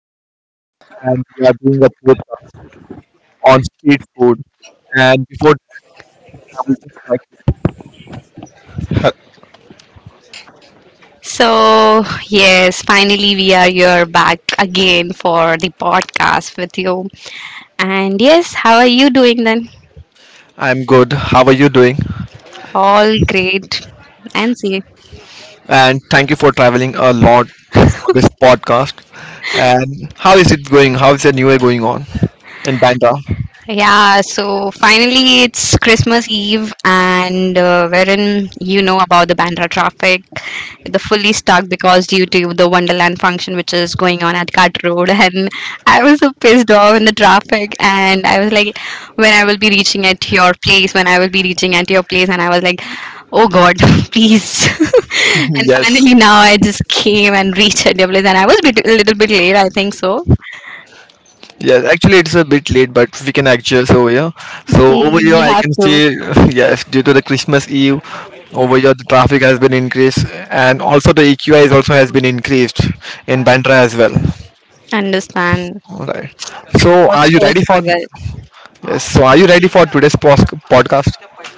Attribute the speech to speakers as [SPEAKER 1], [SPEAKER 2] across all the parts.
[SPEAKER 1] have met and we are doing a podcast on street food. And before that, I would just like to help.
[SPEAKER 2] So, yes, finally we are here back again for the podcast with you. And yes, how are you doing then?
[SPEAKER 1] I'm good. How are you doing?
[SPEAKER 2] All great. And see.
[SPEAKER 1] And thank you for traveling a lot for this podcast. And how is it going? How is your new year going on in Bandra?
[SPEAKER 2] Yeah, so finally it's Christmas Eve, and wherein you know about the Bandra traffic, the fully stuck because due to the Wonderland function which is going on at Cut Road, and I was so pissed off in the traffic, and I was like, when I will be reaching at your place, and I was like, oh God, please. And
[SPEAKER 1] Yes.
[SPEAKER 2] finally now I just came and reached at your place, and I was bit, a little bit late, I think so.
[SPEAKER 1] Yes, actually it's a bit late, but we can actually so yeah. So over here
[SPEAKER 2] You
[SPEAKER 1] I
[SPEAKER 2] have
[SPEAKER 1] can
[SPEAKER 2] to
[SPEAKER 1] see, yes, due to the Christmas Eve, over here the traffic has been increased, and also the EQI is also has been increased in Bandra as well.
[SPEAKER 2] understand.
[SPEAKER 1] Alright.
[SPEAKER 2] It
[SPEAKER 1] So
[SPEAKER 2] was
[SPEAKER 1] are you
[SPEAKER 2] so
[SPEAKER 1] ready for
[SPEAKER 2] struggle.
[SPEAKER 1] yes? So are you ready for today's podcast?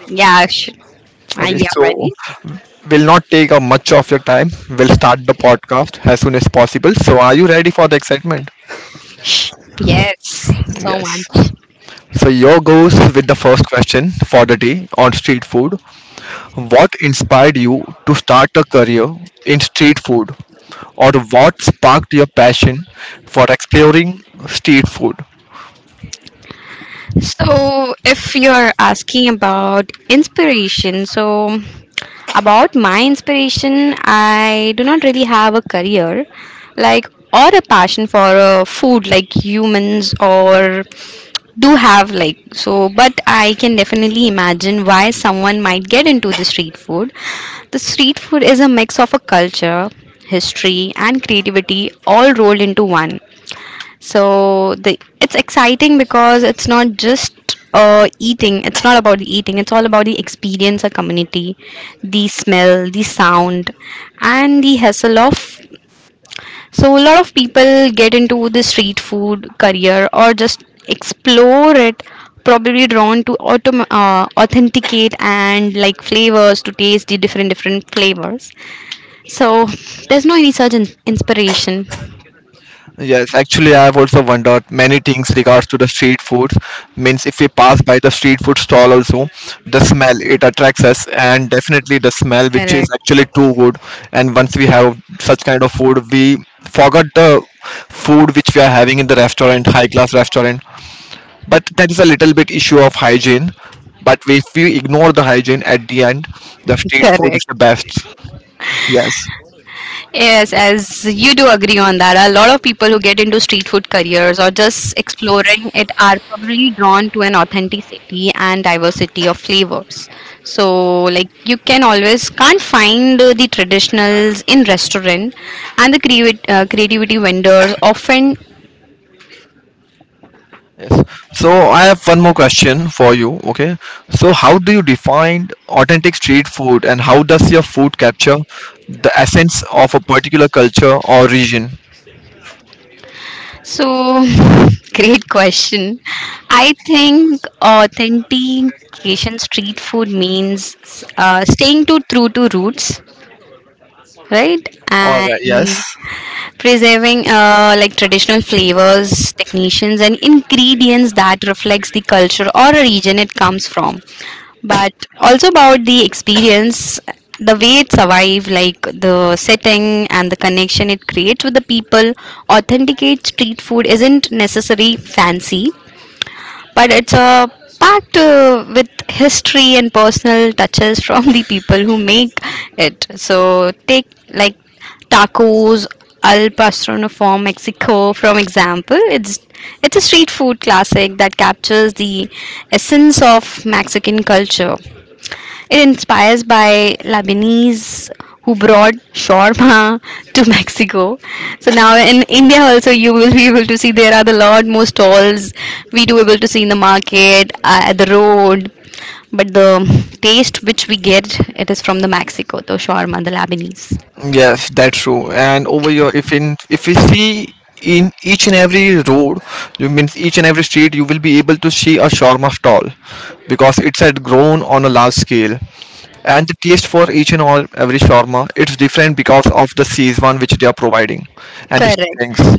[SPEAKER 2] Yeah, I
[SPEAKER 1] Okay.
[SPEAKER 2] am
[SPEAKER 1] So
[SPEAKER 2] ready.
[SPEAKER 1] we'll not take up much of your time. We'll start the podcast as soon as possible. So are you ready for the excitement?
[SPEAKER 2] Sh- Yes, so
[SPEAKER 1] Yes.
[SPEAKER 2] much.
[SPEAKER 1] So your goes with the first question for the day on street food. What inspired you to start a career in street food, or what sparked your passion for exploring street food?
[SPEAKER 2] If you're asking about inspiration, so about my inspiration, I do not really have a career like or a passion for food like humans or do have like so but I can definitely imagine why someone might get into the street food is a mix of a culture, history and creativity all rolled into one. So the it's exciting because it's not just eating it's not about the eating, it's all about the experience, a community, the smell, the sound and the hassle of. So a lot of people get into the street food career or just explore it, probably drawn to authenticate and like flavors to taste the different flavors. So there's no any such inspiration.
[SPEAKER 1] Yes, actually, I have also wondered many things regards to the street food. Means, if we pass by the street food stall, also the smell it attracts us, and definitely the smell, which is
[SPEAKER 2] Correct.
[SPEAKER 1] actually too good. And once we have such kind of food, we forgot the food which we are having in the restaurant, high class restaurant, but there is a little bit issue of hygiene. But if we ignore the hygiene, at the end the street food is
[SPEAKER 2] Correct.
[SPEAKER 1] the best. Yes.
[SPEAKER 2] Yes, as you do agree on that, a lot of people who get into street food careers or just exploring it are probably drawn to an authenticity and diversity of flavors. So, like you can always can't find the traditionals in restaurant, and the creative creativity vendors often.
[SPEAKER 1] Yes, so I have one more question for you. Okay, so how do you define authentic street food and how does your food capture the essence of a particular culture or region?
[SPEAKER 2] So, great question. I think authentication street food means staying to true to roots, right,
[SPEAKER 1] All right yes.
[SPEAKER 2] and preserving like traditional flavors, technicians and ingredients that reflects the culture or a region it comes from. But also about the experience, the way it survive, like the setting and the connection it creates with the people. Authenticate street food isn't necessarily fancy, but it's a packed with history and personal touches from the people who make it. So take like tacos al pastor from Mexico from example. It's a street food classic that captures the essence of Mexican culture. It inspires by Lebanese who brought shawarma to Mexico. So now in India also you will be able to see there are the lot more stalls we do able to see in the market at the road. But the taste which we get it is from the Mexico, the shawarma, the Lebanese.
[SPEAKER 1] Yes, that's true. And over here, if we see in each and every road, you means each and every street, you will be able to see a shawarma stall because it's had grown on a large scale. And the taste for each and all every shawarma, it's different because of the season which they are providing and the
[SPEAKER 2] Correct.
[SPEAKER 1] stuffings.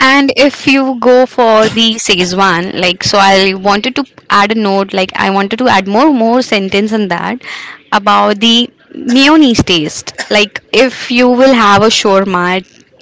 [SPEAKER 2] And if you go for the Szechuan, like so, I wanted to add a note. Like I wanted to add more sentence in that about the mayonnaise taste. Like if you will have a shawarma,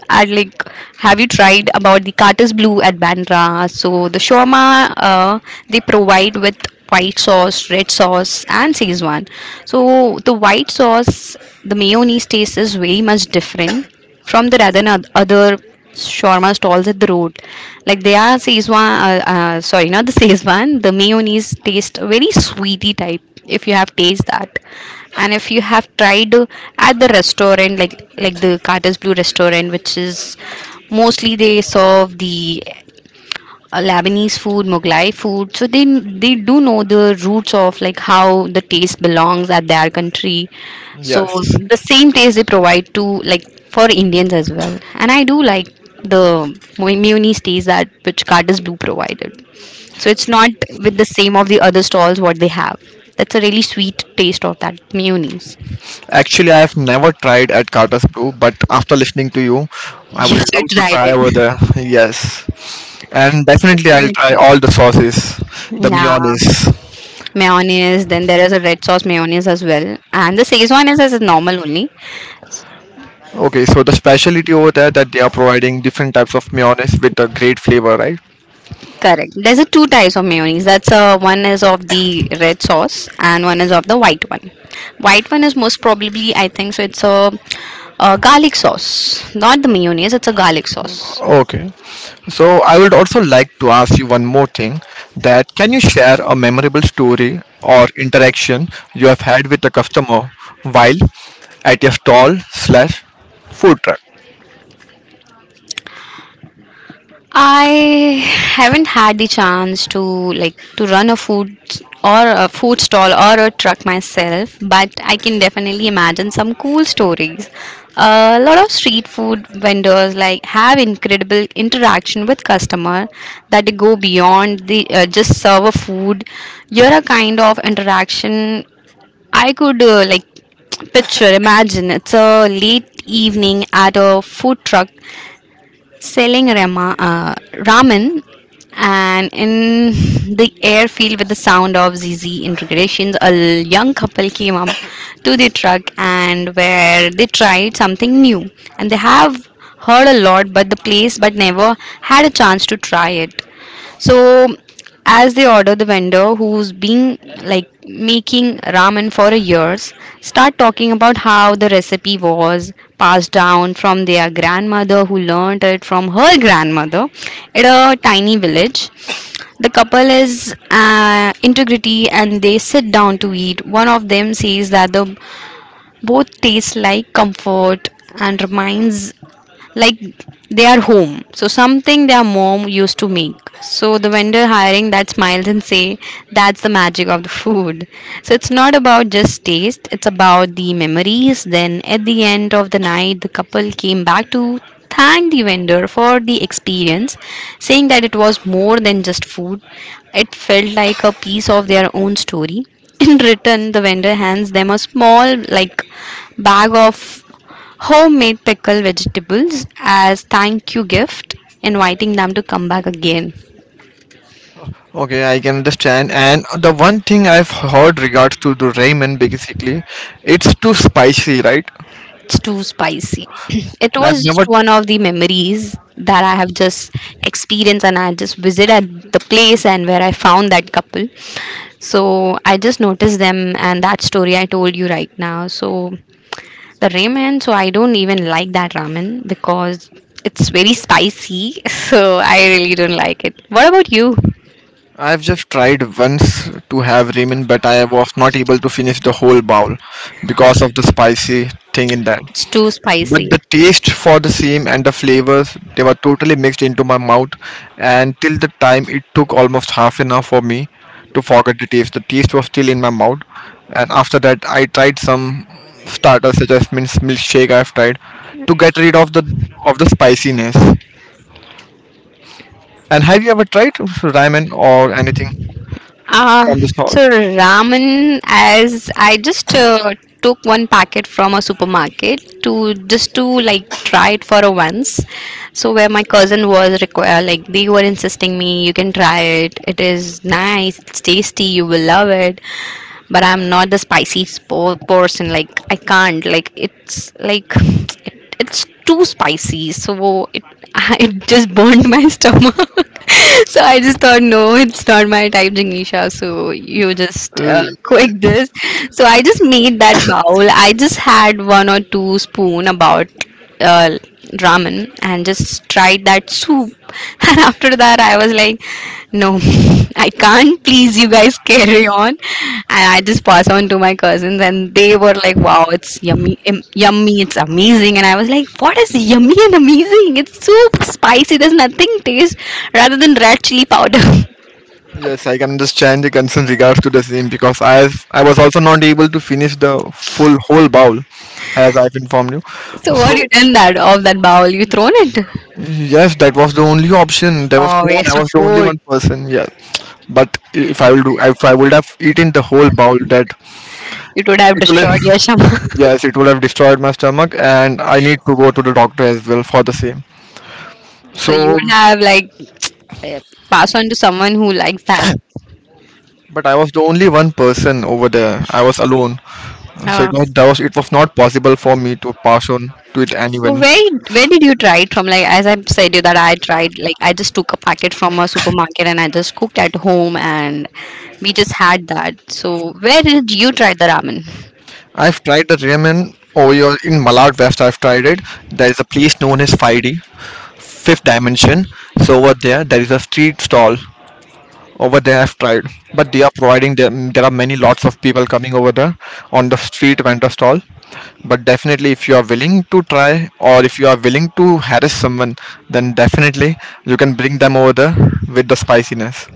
[SPEAKER 2] and like have you tried about the Carter's Blue at Bandra? So the shawarma, they provide with white sauce, red sauce, and Szechuan. So the white sauce, the mayonnaise taste is very much different from the rather than other shawarma stalls at the road. Like they are Szechuan, sorry, not the Szechuan. The mayonnaise taste very sweety type. If you have taste that, and if you have tried at the restaurant, like the Carter's Blue restaurant, which is mostly they serve the Lebanese food, Mughlai food. So they do know the roots of like how the taste belongs at their country. So
[SPEAKER 1] Yes,
[SPEAKER 2] the same taste they provide to like for Indians as well. And I do like the Munis taste that which Cardis Blue provided. So it's not with the same of the other stalls what they have. That's a really sweet taste of that Munis.
[SPEAKER 1] actually, I have never tried at Carter's Brew, but after listening to you, I
[SPEAKER 2] You
[SPEAKER 1] would
[SPEAKER 2] should
[SPEAKER 1] love to
[SPEAKER 2] try
[SPEAKER 1] try over
[SPEAKER 2] it.
[SPEAKER 1] there. Yes, and definitely I'll try
[SPEAKER 2] Definitely.
[SPEAKER 1] all the sauces, the
[SPEAKER 2] Yeah.
[SPEAKER 1] mayonnaise.
[SPEAKER 2] Mayonnaise, then there is a red sauce mayonnaise as well, and the szechuan is as a normal only.
[SPEAKER 1] Okay, so the specialty over there that they are providing different types of mayonnaise with a great flavor, right?
[SPEAKER 2] Correct, there's a two types of mayonnaise. That's one is of the red sauce and one is of the white one. White one is most probably, I think so it's a garlic sauce, not the mayonnaise, it's a garlic sauce.
[SPEAKER 1] Okay. So I would also like to ask you one more thing, that can you share a memorable story or interaction you have had with a customer while at your stall slash food truck?
[SPEAKER 2] I haven't had the chance to like to run a food or a food stall or a truck myself, but I can definitely imagine some cool stories. A lot of street food vendors like have incredible interaction with customer that they go beyond the just serve a food. You're a kind of interaction I could like picture imagine. It's a late evening at a food truck selling ramen, and in the air filled with the sound of ZZ integrations, a young couple came up to the truck and where they tried something new. And they have heard a lot but the place but never had a chance to try it. So as they order, the vendor who's been like making ramen for years start talking about how the recipe was passed down from their grandmother, who learned it from her grandmother at a tiny village. The couple is integrity and they sit down to eat. One of them says that the both taste like comfort and reminds like their home, so something their mom used to make. So the vendor hiring that smiles and say, that's the magic of the food. So it's not about just taste, it's about the memories. Then at the end of the night the couple came back to thank the vendor for the experience, saying that it was more than just food, it felt like a piece of their own story. In return the vendor hands them a small like bag of homemade pickled vegetables as thank you gift, inviting them to come back again.
[SPEAKER 1] Okay, I can understand. And the one thing I've heard regards to the ramen basically, it's too spicy, right?
[SPEAKER 2] It's too spicy. It
[SPEAKER 1] I've
[SPEAKER 2] was
[SPEAKER 1] never.
[SPEAKER 2] just one of the memories that I have just experienced, and I just visited the place and where I found that couple. So I just noticed them and that story I told you right now. So the ramen, so I don't even like that ramen because it's very spicy. So I really don't like it. What about you?
[SPEAKER 1] I've just tried once to have ramen, but I was not able to finish the whole bowl because of the spicy thing in that.
[SPEAKER 2] It's too
[SPEAKER 1] But
[SPEAKER 2] spicy.
[SPEAKER 1] the taste for the same and the flavors, they were totally mixed into my mouth. And till the time it took almost half an hour for me to forget the taste. The taste was still in my mouth. And after that, I tried some starters such as mince milkshake. I've tried to get rid of the spiciness. And have you ever tried ramen or anything
[SPEAKER 2] Uh,
[SPEAKER 1] from the stall?
[SPEAKER 2] so ramen, as I just took one packet from a supermarket to just to like try it for a once. So where my cousin was require, like they were insisting me, you can try it. It is nice. It's tasty. You will love it. But I'm not the person. Like I can't. Like it's like it's too spicy so it it just burned my stomach. So I just thought, no, it's not my type, Jignisha, so you just quick this. So I just made that bowl, I just had one or two spoon about uh, ramen and just tried that soup. And after that, I was like, no, I can't. Please, you guys carry on. And I just pass on to my cousins, and they were like, wow, it's yummy, it's amazing. And I was like, what is yummy and amazing? It's soup, spicy. There's nothing taste rather than red chili powder.
[SPEAKER 1] Yes, I can understand the concern regards to the same because I was also not able to finish the full whole bowl, as I've informed you.
[SPEAKER 2] So what you
[SPEAKER 1] So
[SPEAKER 2] done that of that bowl? You thrown it?
[SPEAKER 1] yes, that was the only option. There was
[SPEAKER 2] Oh,
[SPEAKER 1] no one. I
[SPEAKER 2] waste of
[SPEAKER 1] was the only
[SPEAKER 2] food.
[SPEAKER 1] one person. Yeah, but if I will do, if I would have eaten the whole bowl, that
[SPEAKER 2] It would have
[SPEAKER 1] it will have,
[SPEAKER 2] destroyed your shama.
[SPEAKER 1] yes, it would have destroyed my stomach, and I need to go to the doctor as well for the same.
[SPEAKER 2] So you
[SPEAKER 1] So,
[SPEAKER 2] would have like uh, pass on to someone who likes that.
[SPEAKER 1] but I was the only one person over there. I was alone, so it
[SPEAKER 2] Uh,
[SPEAKER 1] was that was it was not possible for me to pass on to it
[SPEAKER 2] so
[SPEAKER 1] anyone.
[SPEAKER 2] where did you try it from? Like as I said you that I tried like I just took a packet from a supermarket and I just cooked at home and we just had that. So where did you try the ramen?
[SPEAKER 1] I've tried the ramen over in Malad West. I've tried it. There is a place known as 5D, Fifth Dimension. So over there, there is a street stall. Over there, I've tried, but they are providing there. There are many lots of people coming over there on the street vendor stall. But definitely, if you are willing to try or if you are willing to harass someone, then definitely you can bring them over there with the spiciness.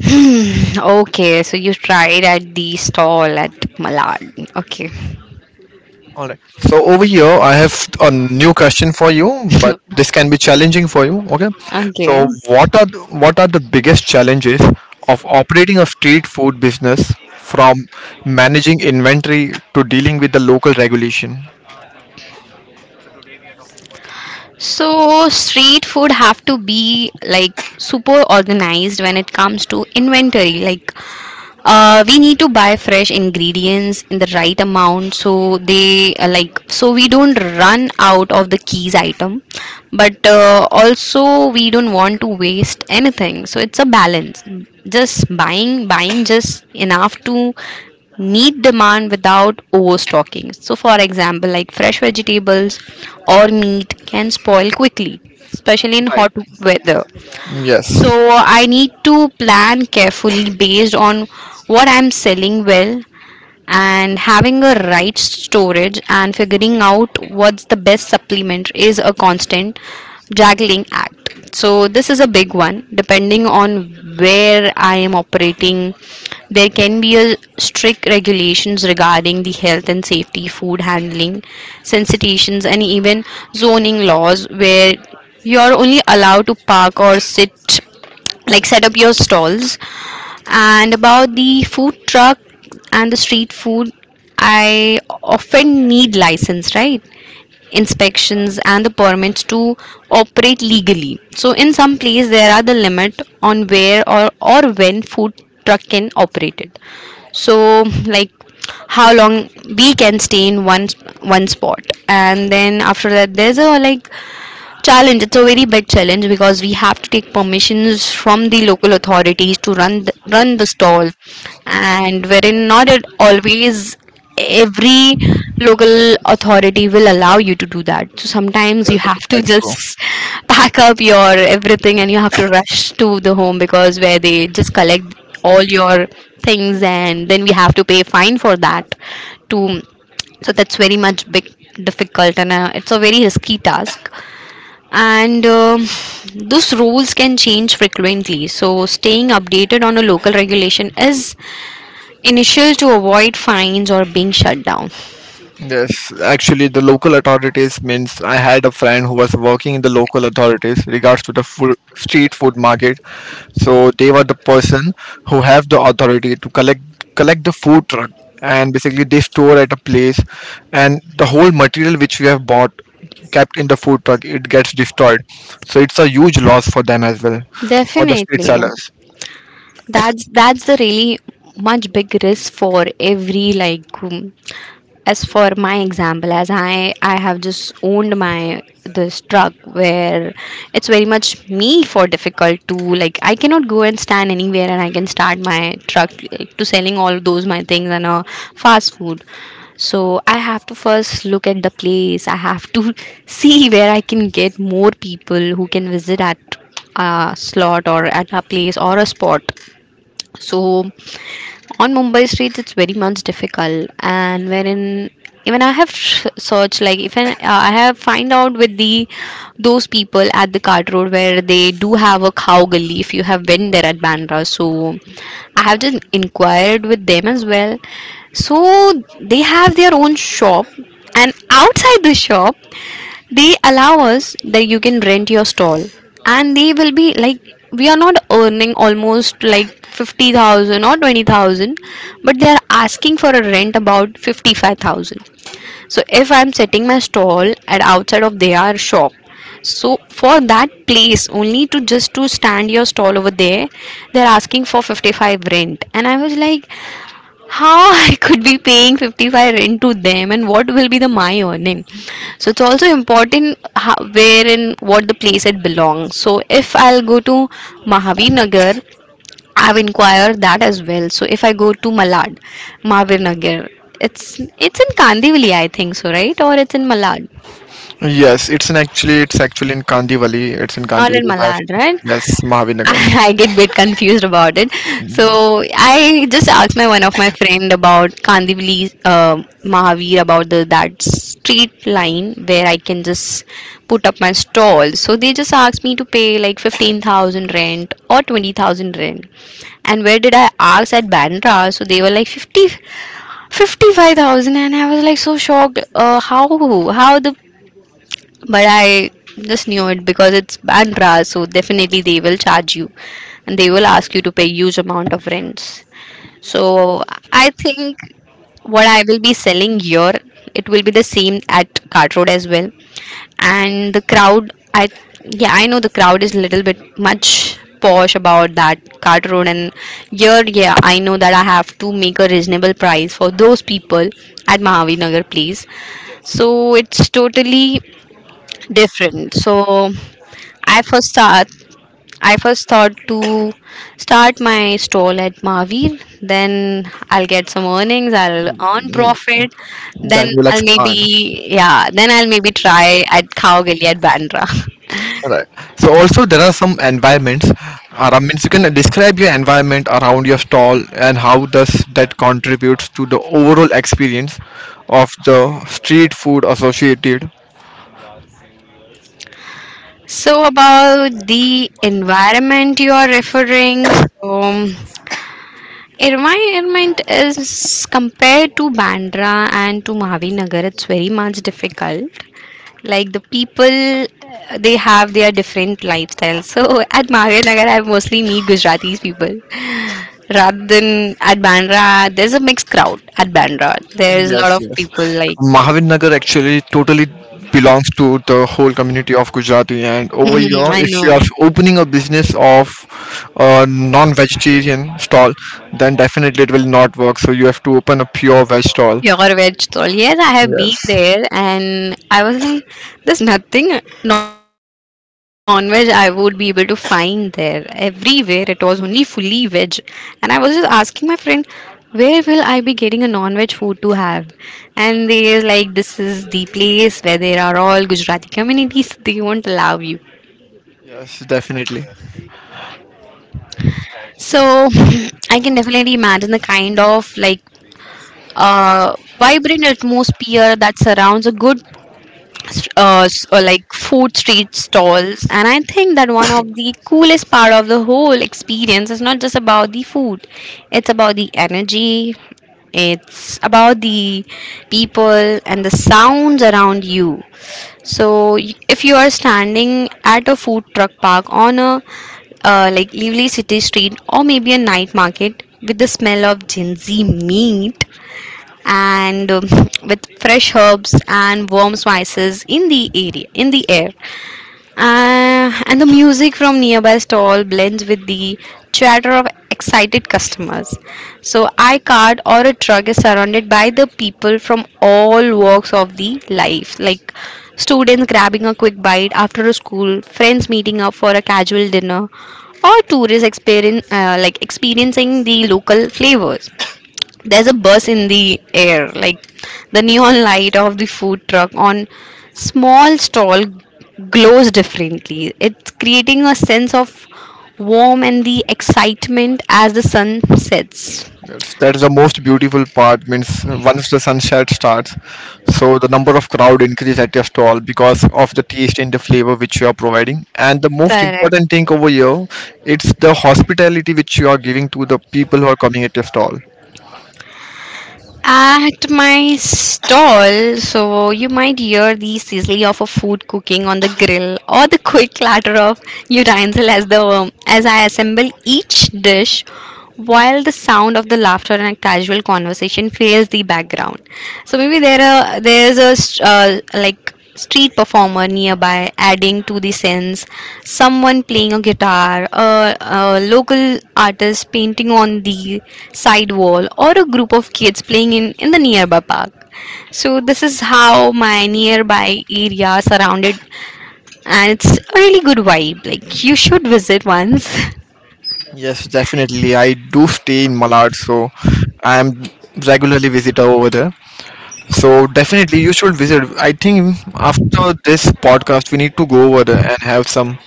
[SPEAKER 2] Hmm, okay, so you tried at the stall at Malad. Okay.
[SPEAKER 1] All right. So over here, I have a new question for you, but this can be challenging for you. Okay. So
[SPEAKER 2] Okay.
[SPEAKER 1] what are the biggest challenges of operating a street food business, from managing inventory to dealing with the local regulation?
[SPEAKER 2] So street food have to be like super organized when it comes to inventory. Like we need to buy fresh ingredients in the right amount so they like so we don't run out of the keys item, but also we don't want to waste anything, so it's a balance, just buying just enough to meet demand without overstocking. So for example like fresh vegetables or meat can spoil quickly, especially in
[SPEAKER 1] Right.
[SPEAKER 2] hot weather, so
[SPEAKER 1] Yes.
[SPEAKER 2] I need to plan carefully based on what I'm selling well, and having a right storage and figuring out what's the best supplement is a constant juggling act. So this is a big one. Depending on where I am operating, there can be a strict regulations regarding the health and safety, food handling, sensitations and even zoning laws where you are only allowed to park or sit, like set up your stalls. And about the food truck and the street food, I often need license, right? Inspections and the permits to operate legally. So in some place there are the limit on where or when food truck can operate it. So like how long we can stay in one spot. And then after that there's a, like, challenge. It's a very big challenge because we have to take permissions from the local authorities to run run the stall, and wherein not at always every local authority will allow you to do that. So sometimes you
[SPEAKER 1] Yes,
[SPEAKER 2] have to
[SPEAKER 1] that's true.
[SPEAKER 2] just pack up your everything and you have to rush to the home, because where they just collect all your things and then we have to pay fine for that to. So that's very much big difficult, and it's a very risky task. And those rules can change frequently, so staying updated on a local regulation is initial to avoid fines or being shut down
[SPEAKER 1] Yes, actually, the local authorities means I had a friend who was working in the local authorities regards to the food, street food market. So they were the person who have the authority to collect the food truck, and basically they store at a place, and the whole material which we have bought kept in the food truck it gets destroyed. So it's a huge loss for them as well for the street
[SPEAKER 2] definitely.
[SPEAKER 1] sellers.
[SPEAKER 2] That's the really much big risk for every, like, as for my example, as I have just owned my this truck, where it's very much me for difficult to, like, I cannot go and stand anywhere and I can start my truck, like, to selling all those my things, and fast food. So I have to first look at the place, I have to see where I can get more people who can visit at a slot or at a place or a spot. So on Mumbai streets, it's very much difficult, and wherein even I have searched like if I have find out with the those people at the cart road where they do have a cow gully. If you have been there at Bandra, so I have just inquired with them as well. So they have their own shop, and outside the shop they allow us that you can rent your stall. And they will be like we are not earning almost like 50,000 or 20,000, but they are asking for a rent about 55,000. So if I'm setting my stall at outside of their shop, so for that place only, to just to stand your stall over there, they're asking for 55 rent. And I was like, how I could be paying 55 rent to them, and what will be the my earning? So it's also important how, where and what the place it belongs. So if I'll go to Mahavir Nagar, I've inquired that as well. So if I go to Malad, Mahavir Nagar, it's in Kandivali, I think so, right? Or it's in Malad.
[SPEAKER 1] Yes, it's in actually it's actually in Kandivali. It's in
[SPEAKER 2] Not in
[SPEAKER 1] Kandivali West.
[SPEAKER 2] Malad, right?
[SPEAKER 1] Yes, Mahavinagar.
[SPEAKER 2] I get bit confused about it. So I just asked my one of my friend about Kandivali, Mahavir, about the that street line where I can just put up my stall. So they just asked me to pay like 15,000 rent or 20,000 rent. And where did I ask at Bandra? So they were like 50, 55,000, and I was like so shocked. How the but I just knew it, because it's Bandra, so definitely they will charge you and they will ask you to pay huge amount of rents. So I think what I will be selling here, it will be the same at Cart Road as well. And the crowd, I, yeah, I know the crowd is little bit much posh about that Cart Road. And here, yeah, I know that I have to make a reasonable price for those people at Mahavir Nagar place. So it's totally different. So i first start I first thought to start my stall at Mahavir. Then I'll get some earnings, I'll earn profit. Then
[SPEAKER 1] Then you'll
[SPEAKER 2] I'll
[SPEAKER 1] expand.
[SPEAKER 2] maybe, yeah, then I'll maybe try at Khao at Bandra.
[SPEAKER 1] Right. So also there are some environments around means you can describe your environment around your stall and how does that contributes to the overall experience of the street food associated.
[SPEAKER 2] So about the environment you are referring, so environment is compared to Bandra and to Mahavir Nagar, it's very much difficult. Like the people, they have their different lifestyles. So at Mahir Nagar I mostly meet Gujaratis people, rather than at Bandra there's a mixed crowd. At Bandra there's a
[SPEAKER 1] Yes,
[SPEAKER 2] lot of
[SPEAKER 1] yes.
[SPEAKER 2] people like
[SPEAKER 1] Mahavir Nagar actually totally belongs to the whole community of Gujarati, and over here
[SPEAKER 2] I
[SPEAKER 1] if you
[SPEAKER 2] know.
[SPEAKER 1] are opening a business of a non-vegetarian stall, then definitely it will not work, so you have to open a pure veg stall.
[SPEAKER 2] Your veg stall. Yes, I have been
[SPEAKER 1] Yes,
[SPEAKER 2] there, and I was like, there's nothing non veg I would be able to find there. Everywhere it was only fully veg. And I was just asking my friend, where will I be getting a non veg food to have? And they were like, this is the place where there are all Gujarati communities, so they won't allow you.
[SPEAKER 1] yes, definitely.
[SPEAKER 2] So I can definitely imagine the kind of, like, vibrant atmosphere that surrounds a good like food street stalls. And I think that one of the coolest part of the whole experience is not just about the food. It's about the energy, it's about the people and the sounds around you. So if you are standing at a food truck park on a, like, lively city street, or maybe a night market with the smell of Gen Z meat, and with fresh herbs and warm spices in the air. And the music from nearby stall blends with the chatter of excited customers. So I cart or a truck is surrounded by the people from all walks of the life, like students grabbing a quick bite after a school, friends meeting up for a casual dinner, or tourists experience like experiencing the local flavors. There's a buzz in the air, like the neon light of the food truck on small stall glows differently. It's creating a sense of warmth and the excitement as the sun sets.
[SPEAKER 1] That's, that is the most beautiful part. Means once the sunset starts, so the number of crowd increase at your stall because of the taste and the flavor which you are providing. And the most
[SPEAKER 2] Correct.
[SPEAKER 1] important thing over here, it's the hospitality which you are giving to the people who are coming at your stall.
[SPEAKER 2] At my stall, so you might hear the sizzle of a food cooking on the grill, or the quick clatter of utensil as I assemble each dish, while the sound of the laughter and casual conversation fills the background. So maybe there's a like street performer nearby adding to the sense, someone playing a guitar, a local artist painting on the side wall, or a group of kids playing in the nearby park. So this is how my nearby area surrounded, and it's a really good vibe, like you should visit once.
[SPEAKER 1] Yes, definitely. I do stay in Malad, so I am regularly visitor over there. So definitely you should visit. I think after this podcast, we need to go over there and have some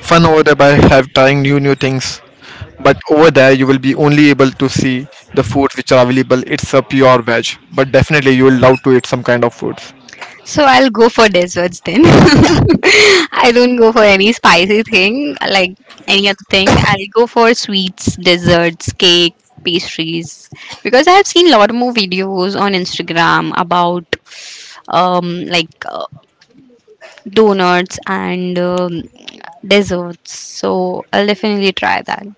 [SPEAKER 1] fun over there by have trying new things, but over there you will be only able to see the foods which are available. It's a pure veg, but definitely you will love to eat some kind of foods.
[SPEAKER 2] So I'll go for desserts then. I don't go for any spicy thing, like any other thing. I'll go for sweets, desserts, cake, pastries, because I have seen a lot more videos on Instagram about, um like uh, donuts and desserts. So I'll definitely try that.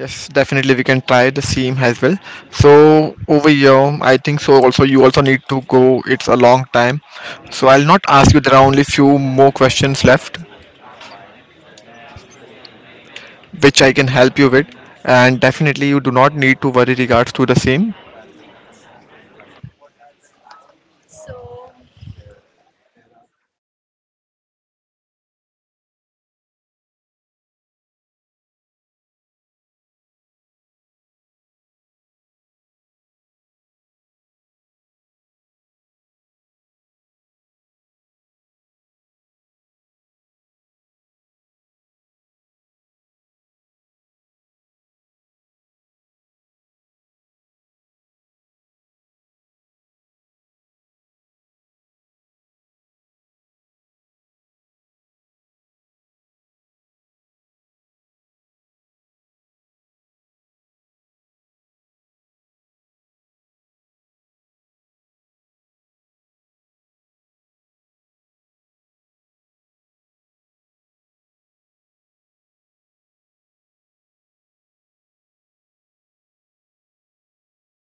[SPEAKER 1] Yes, definitely, we can try the same as well. So over here I think so also you also need to go, it's a long time, so I'll not ask you. There are only few more questions left which I can help you with, and definitely you do not need to worry regards to the same.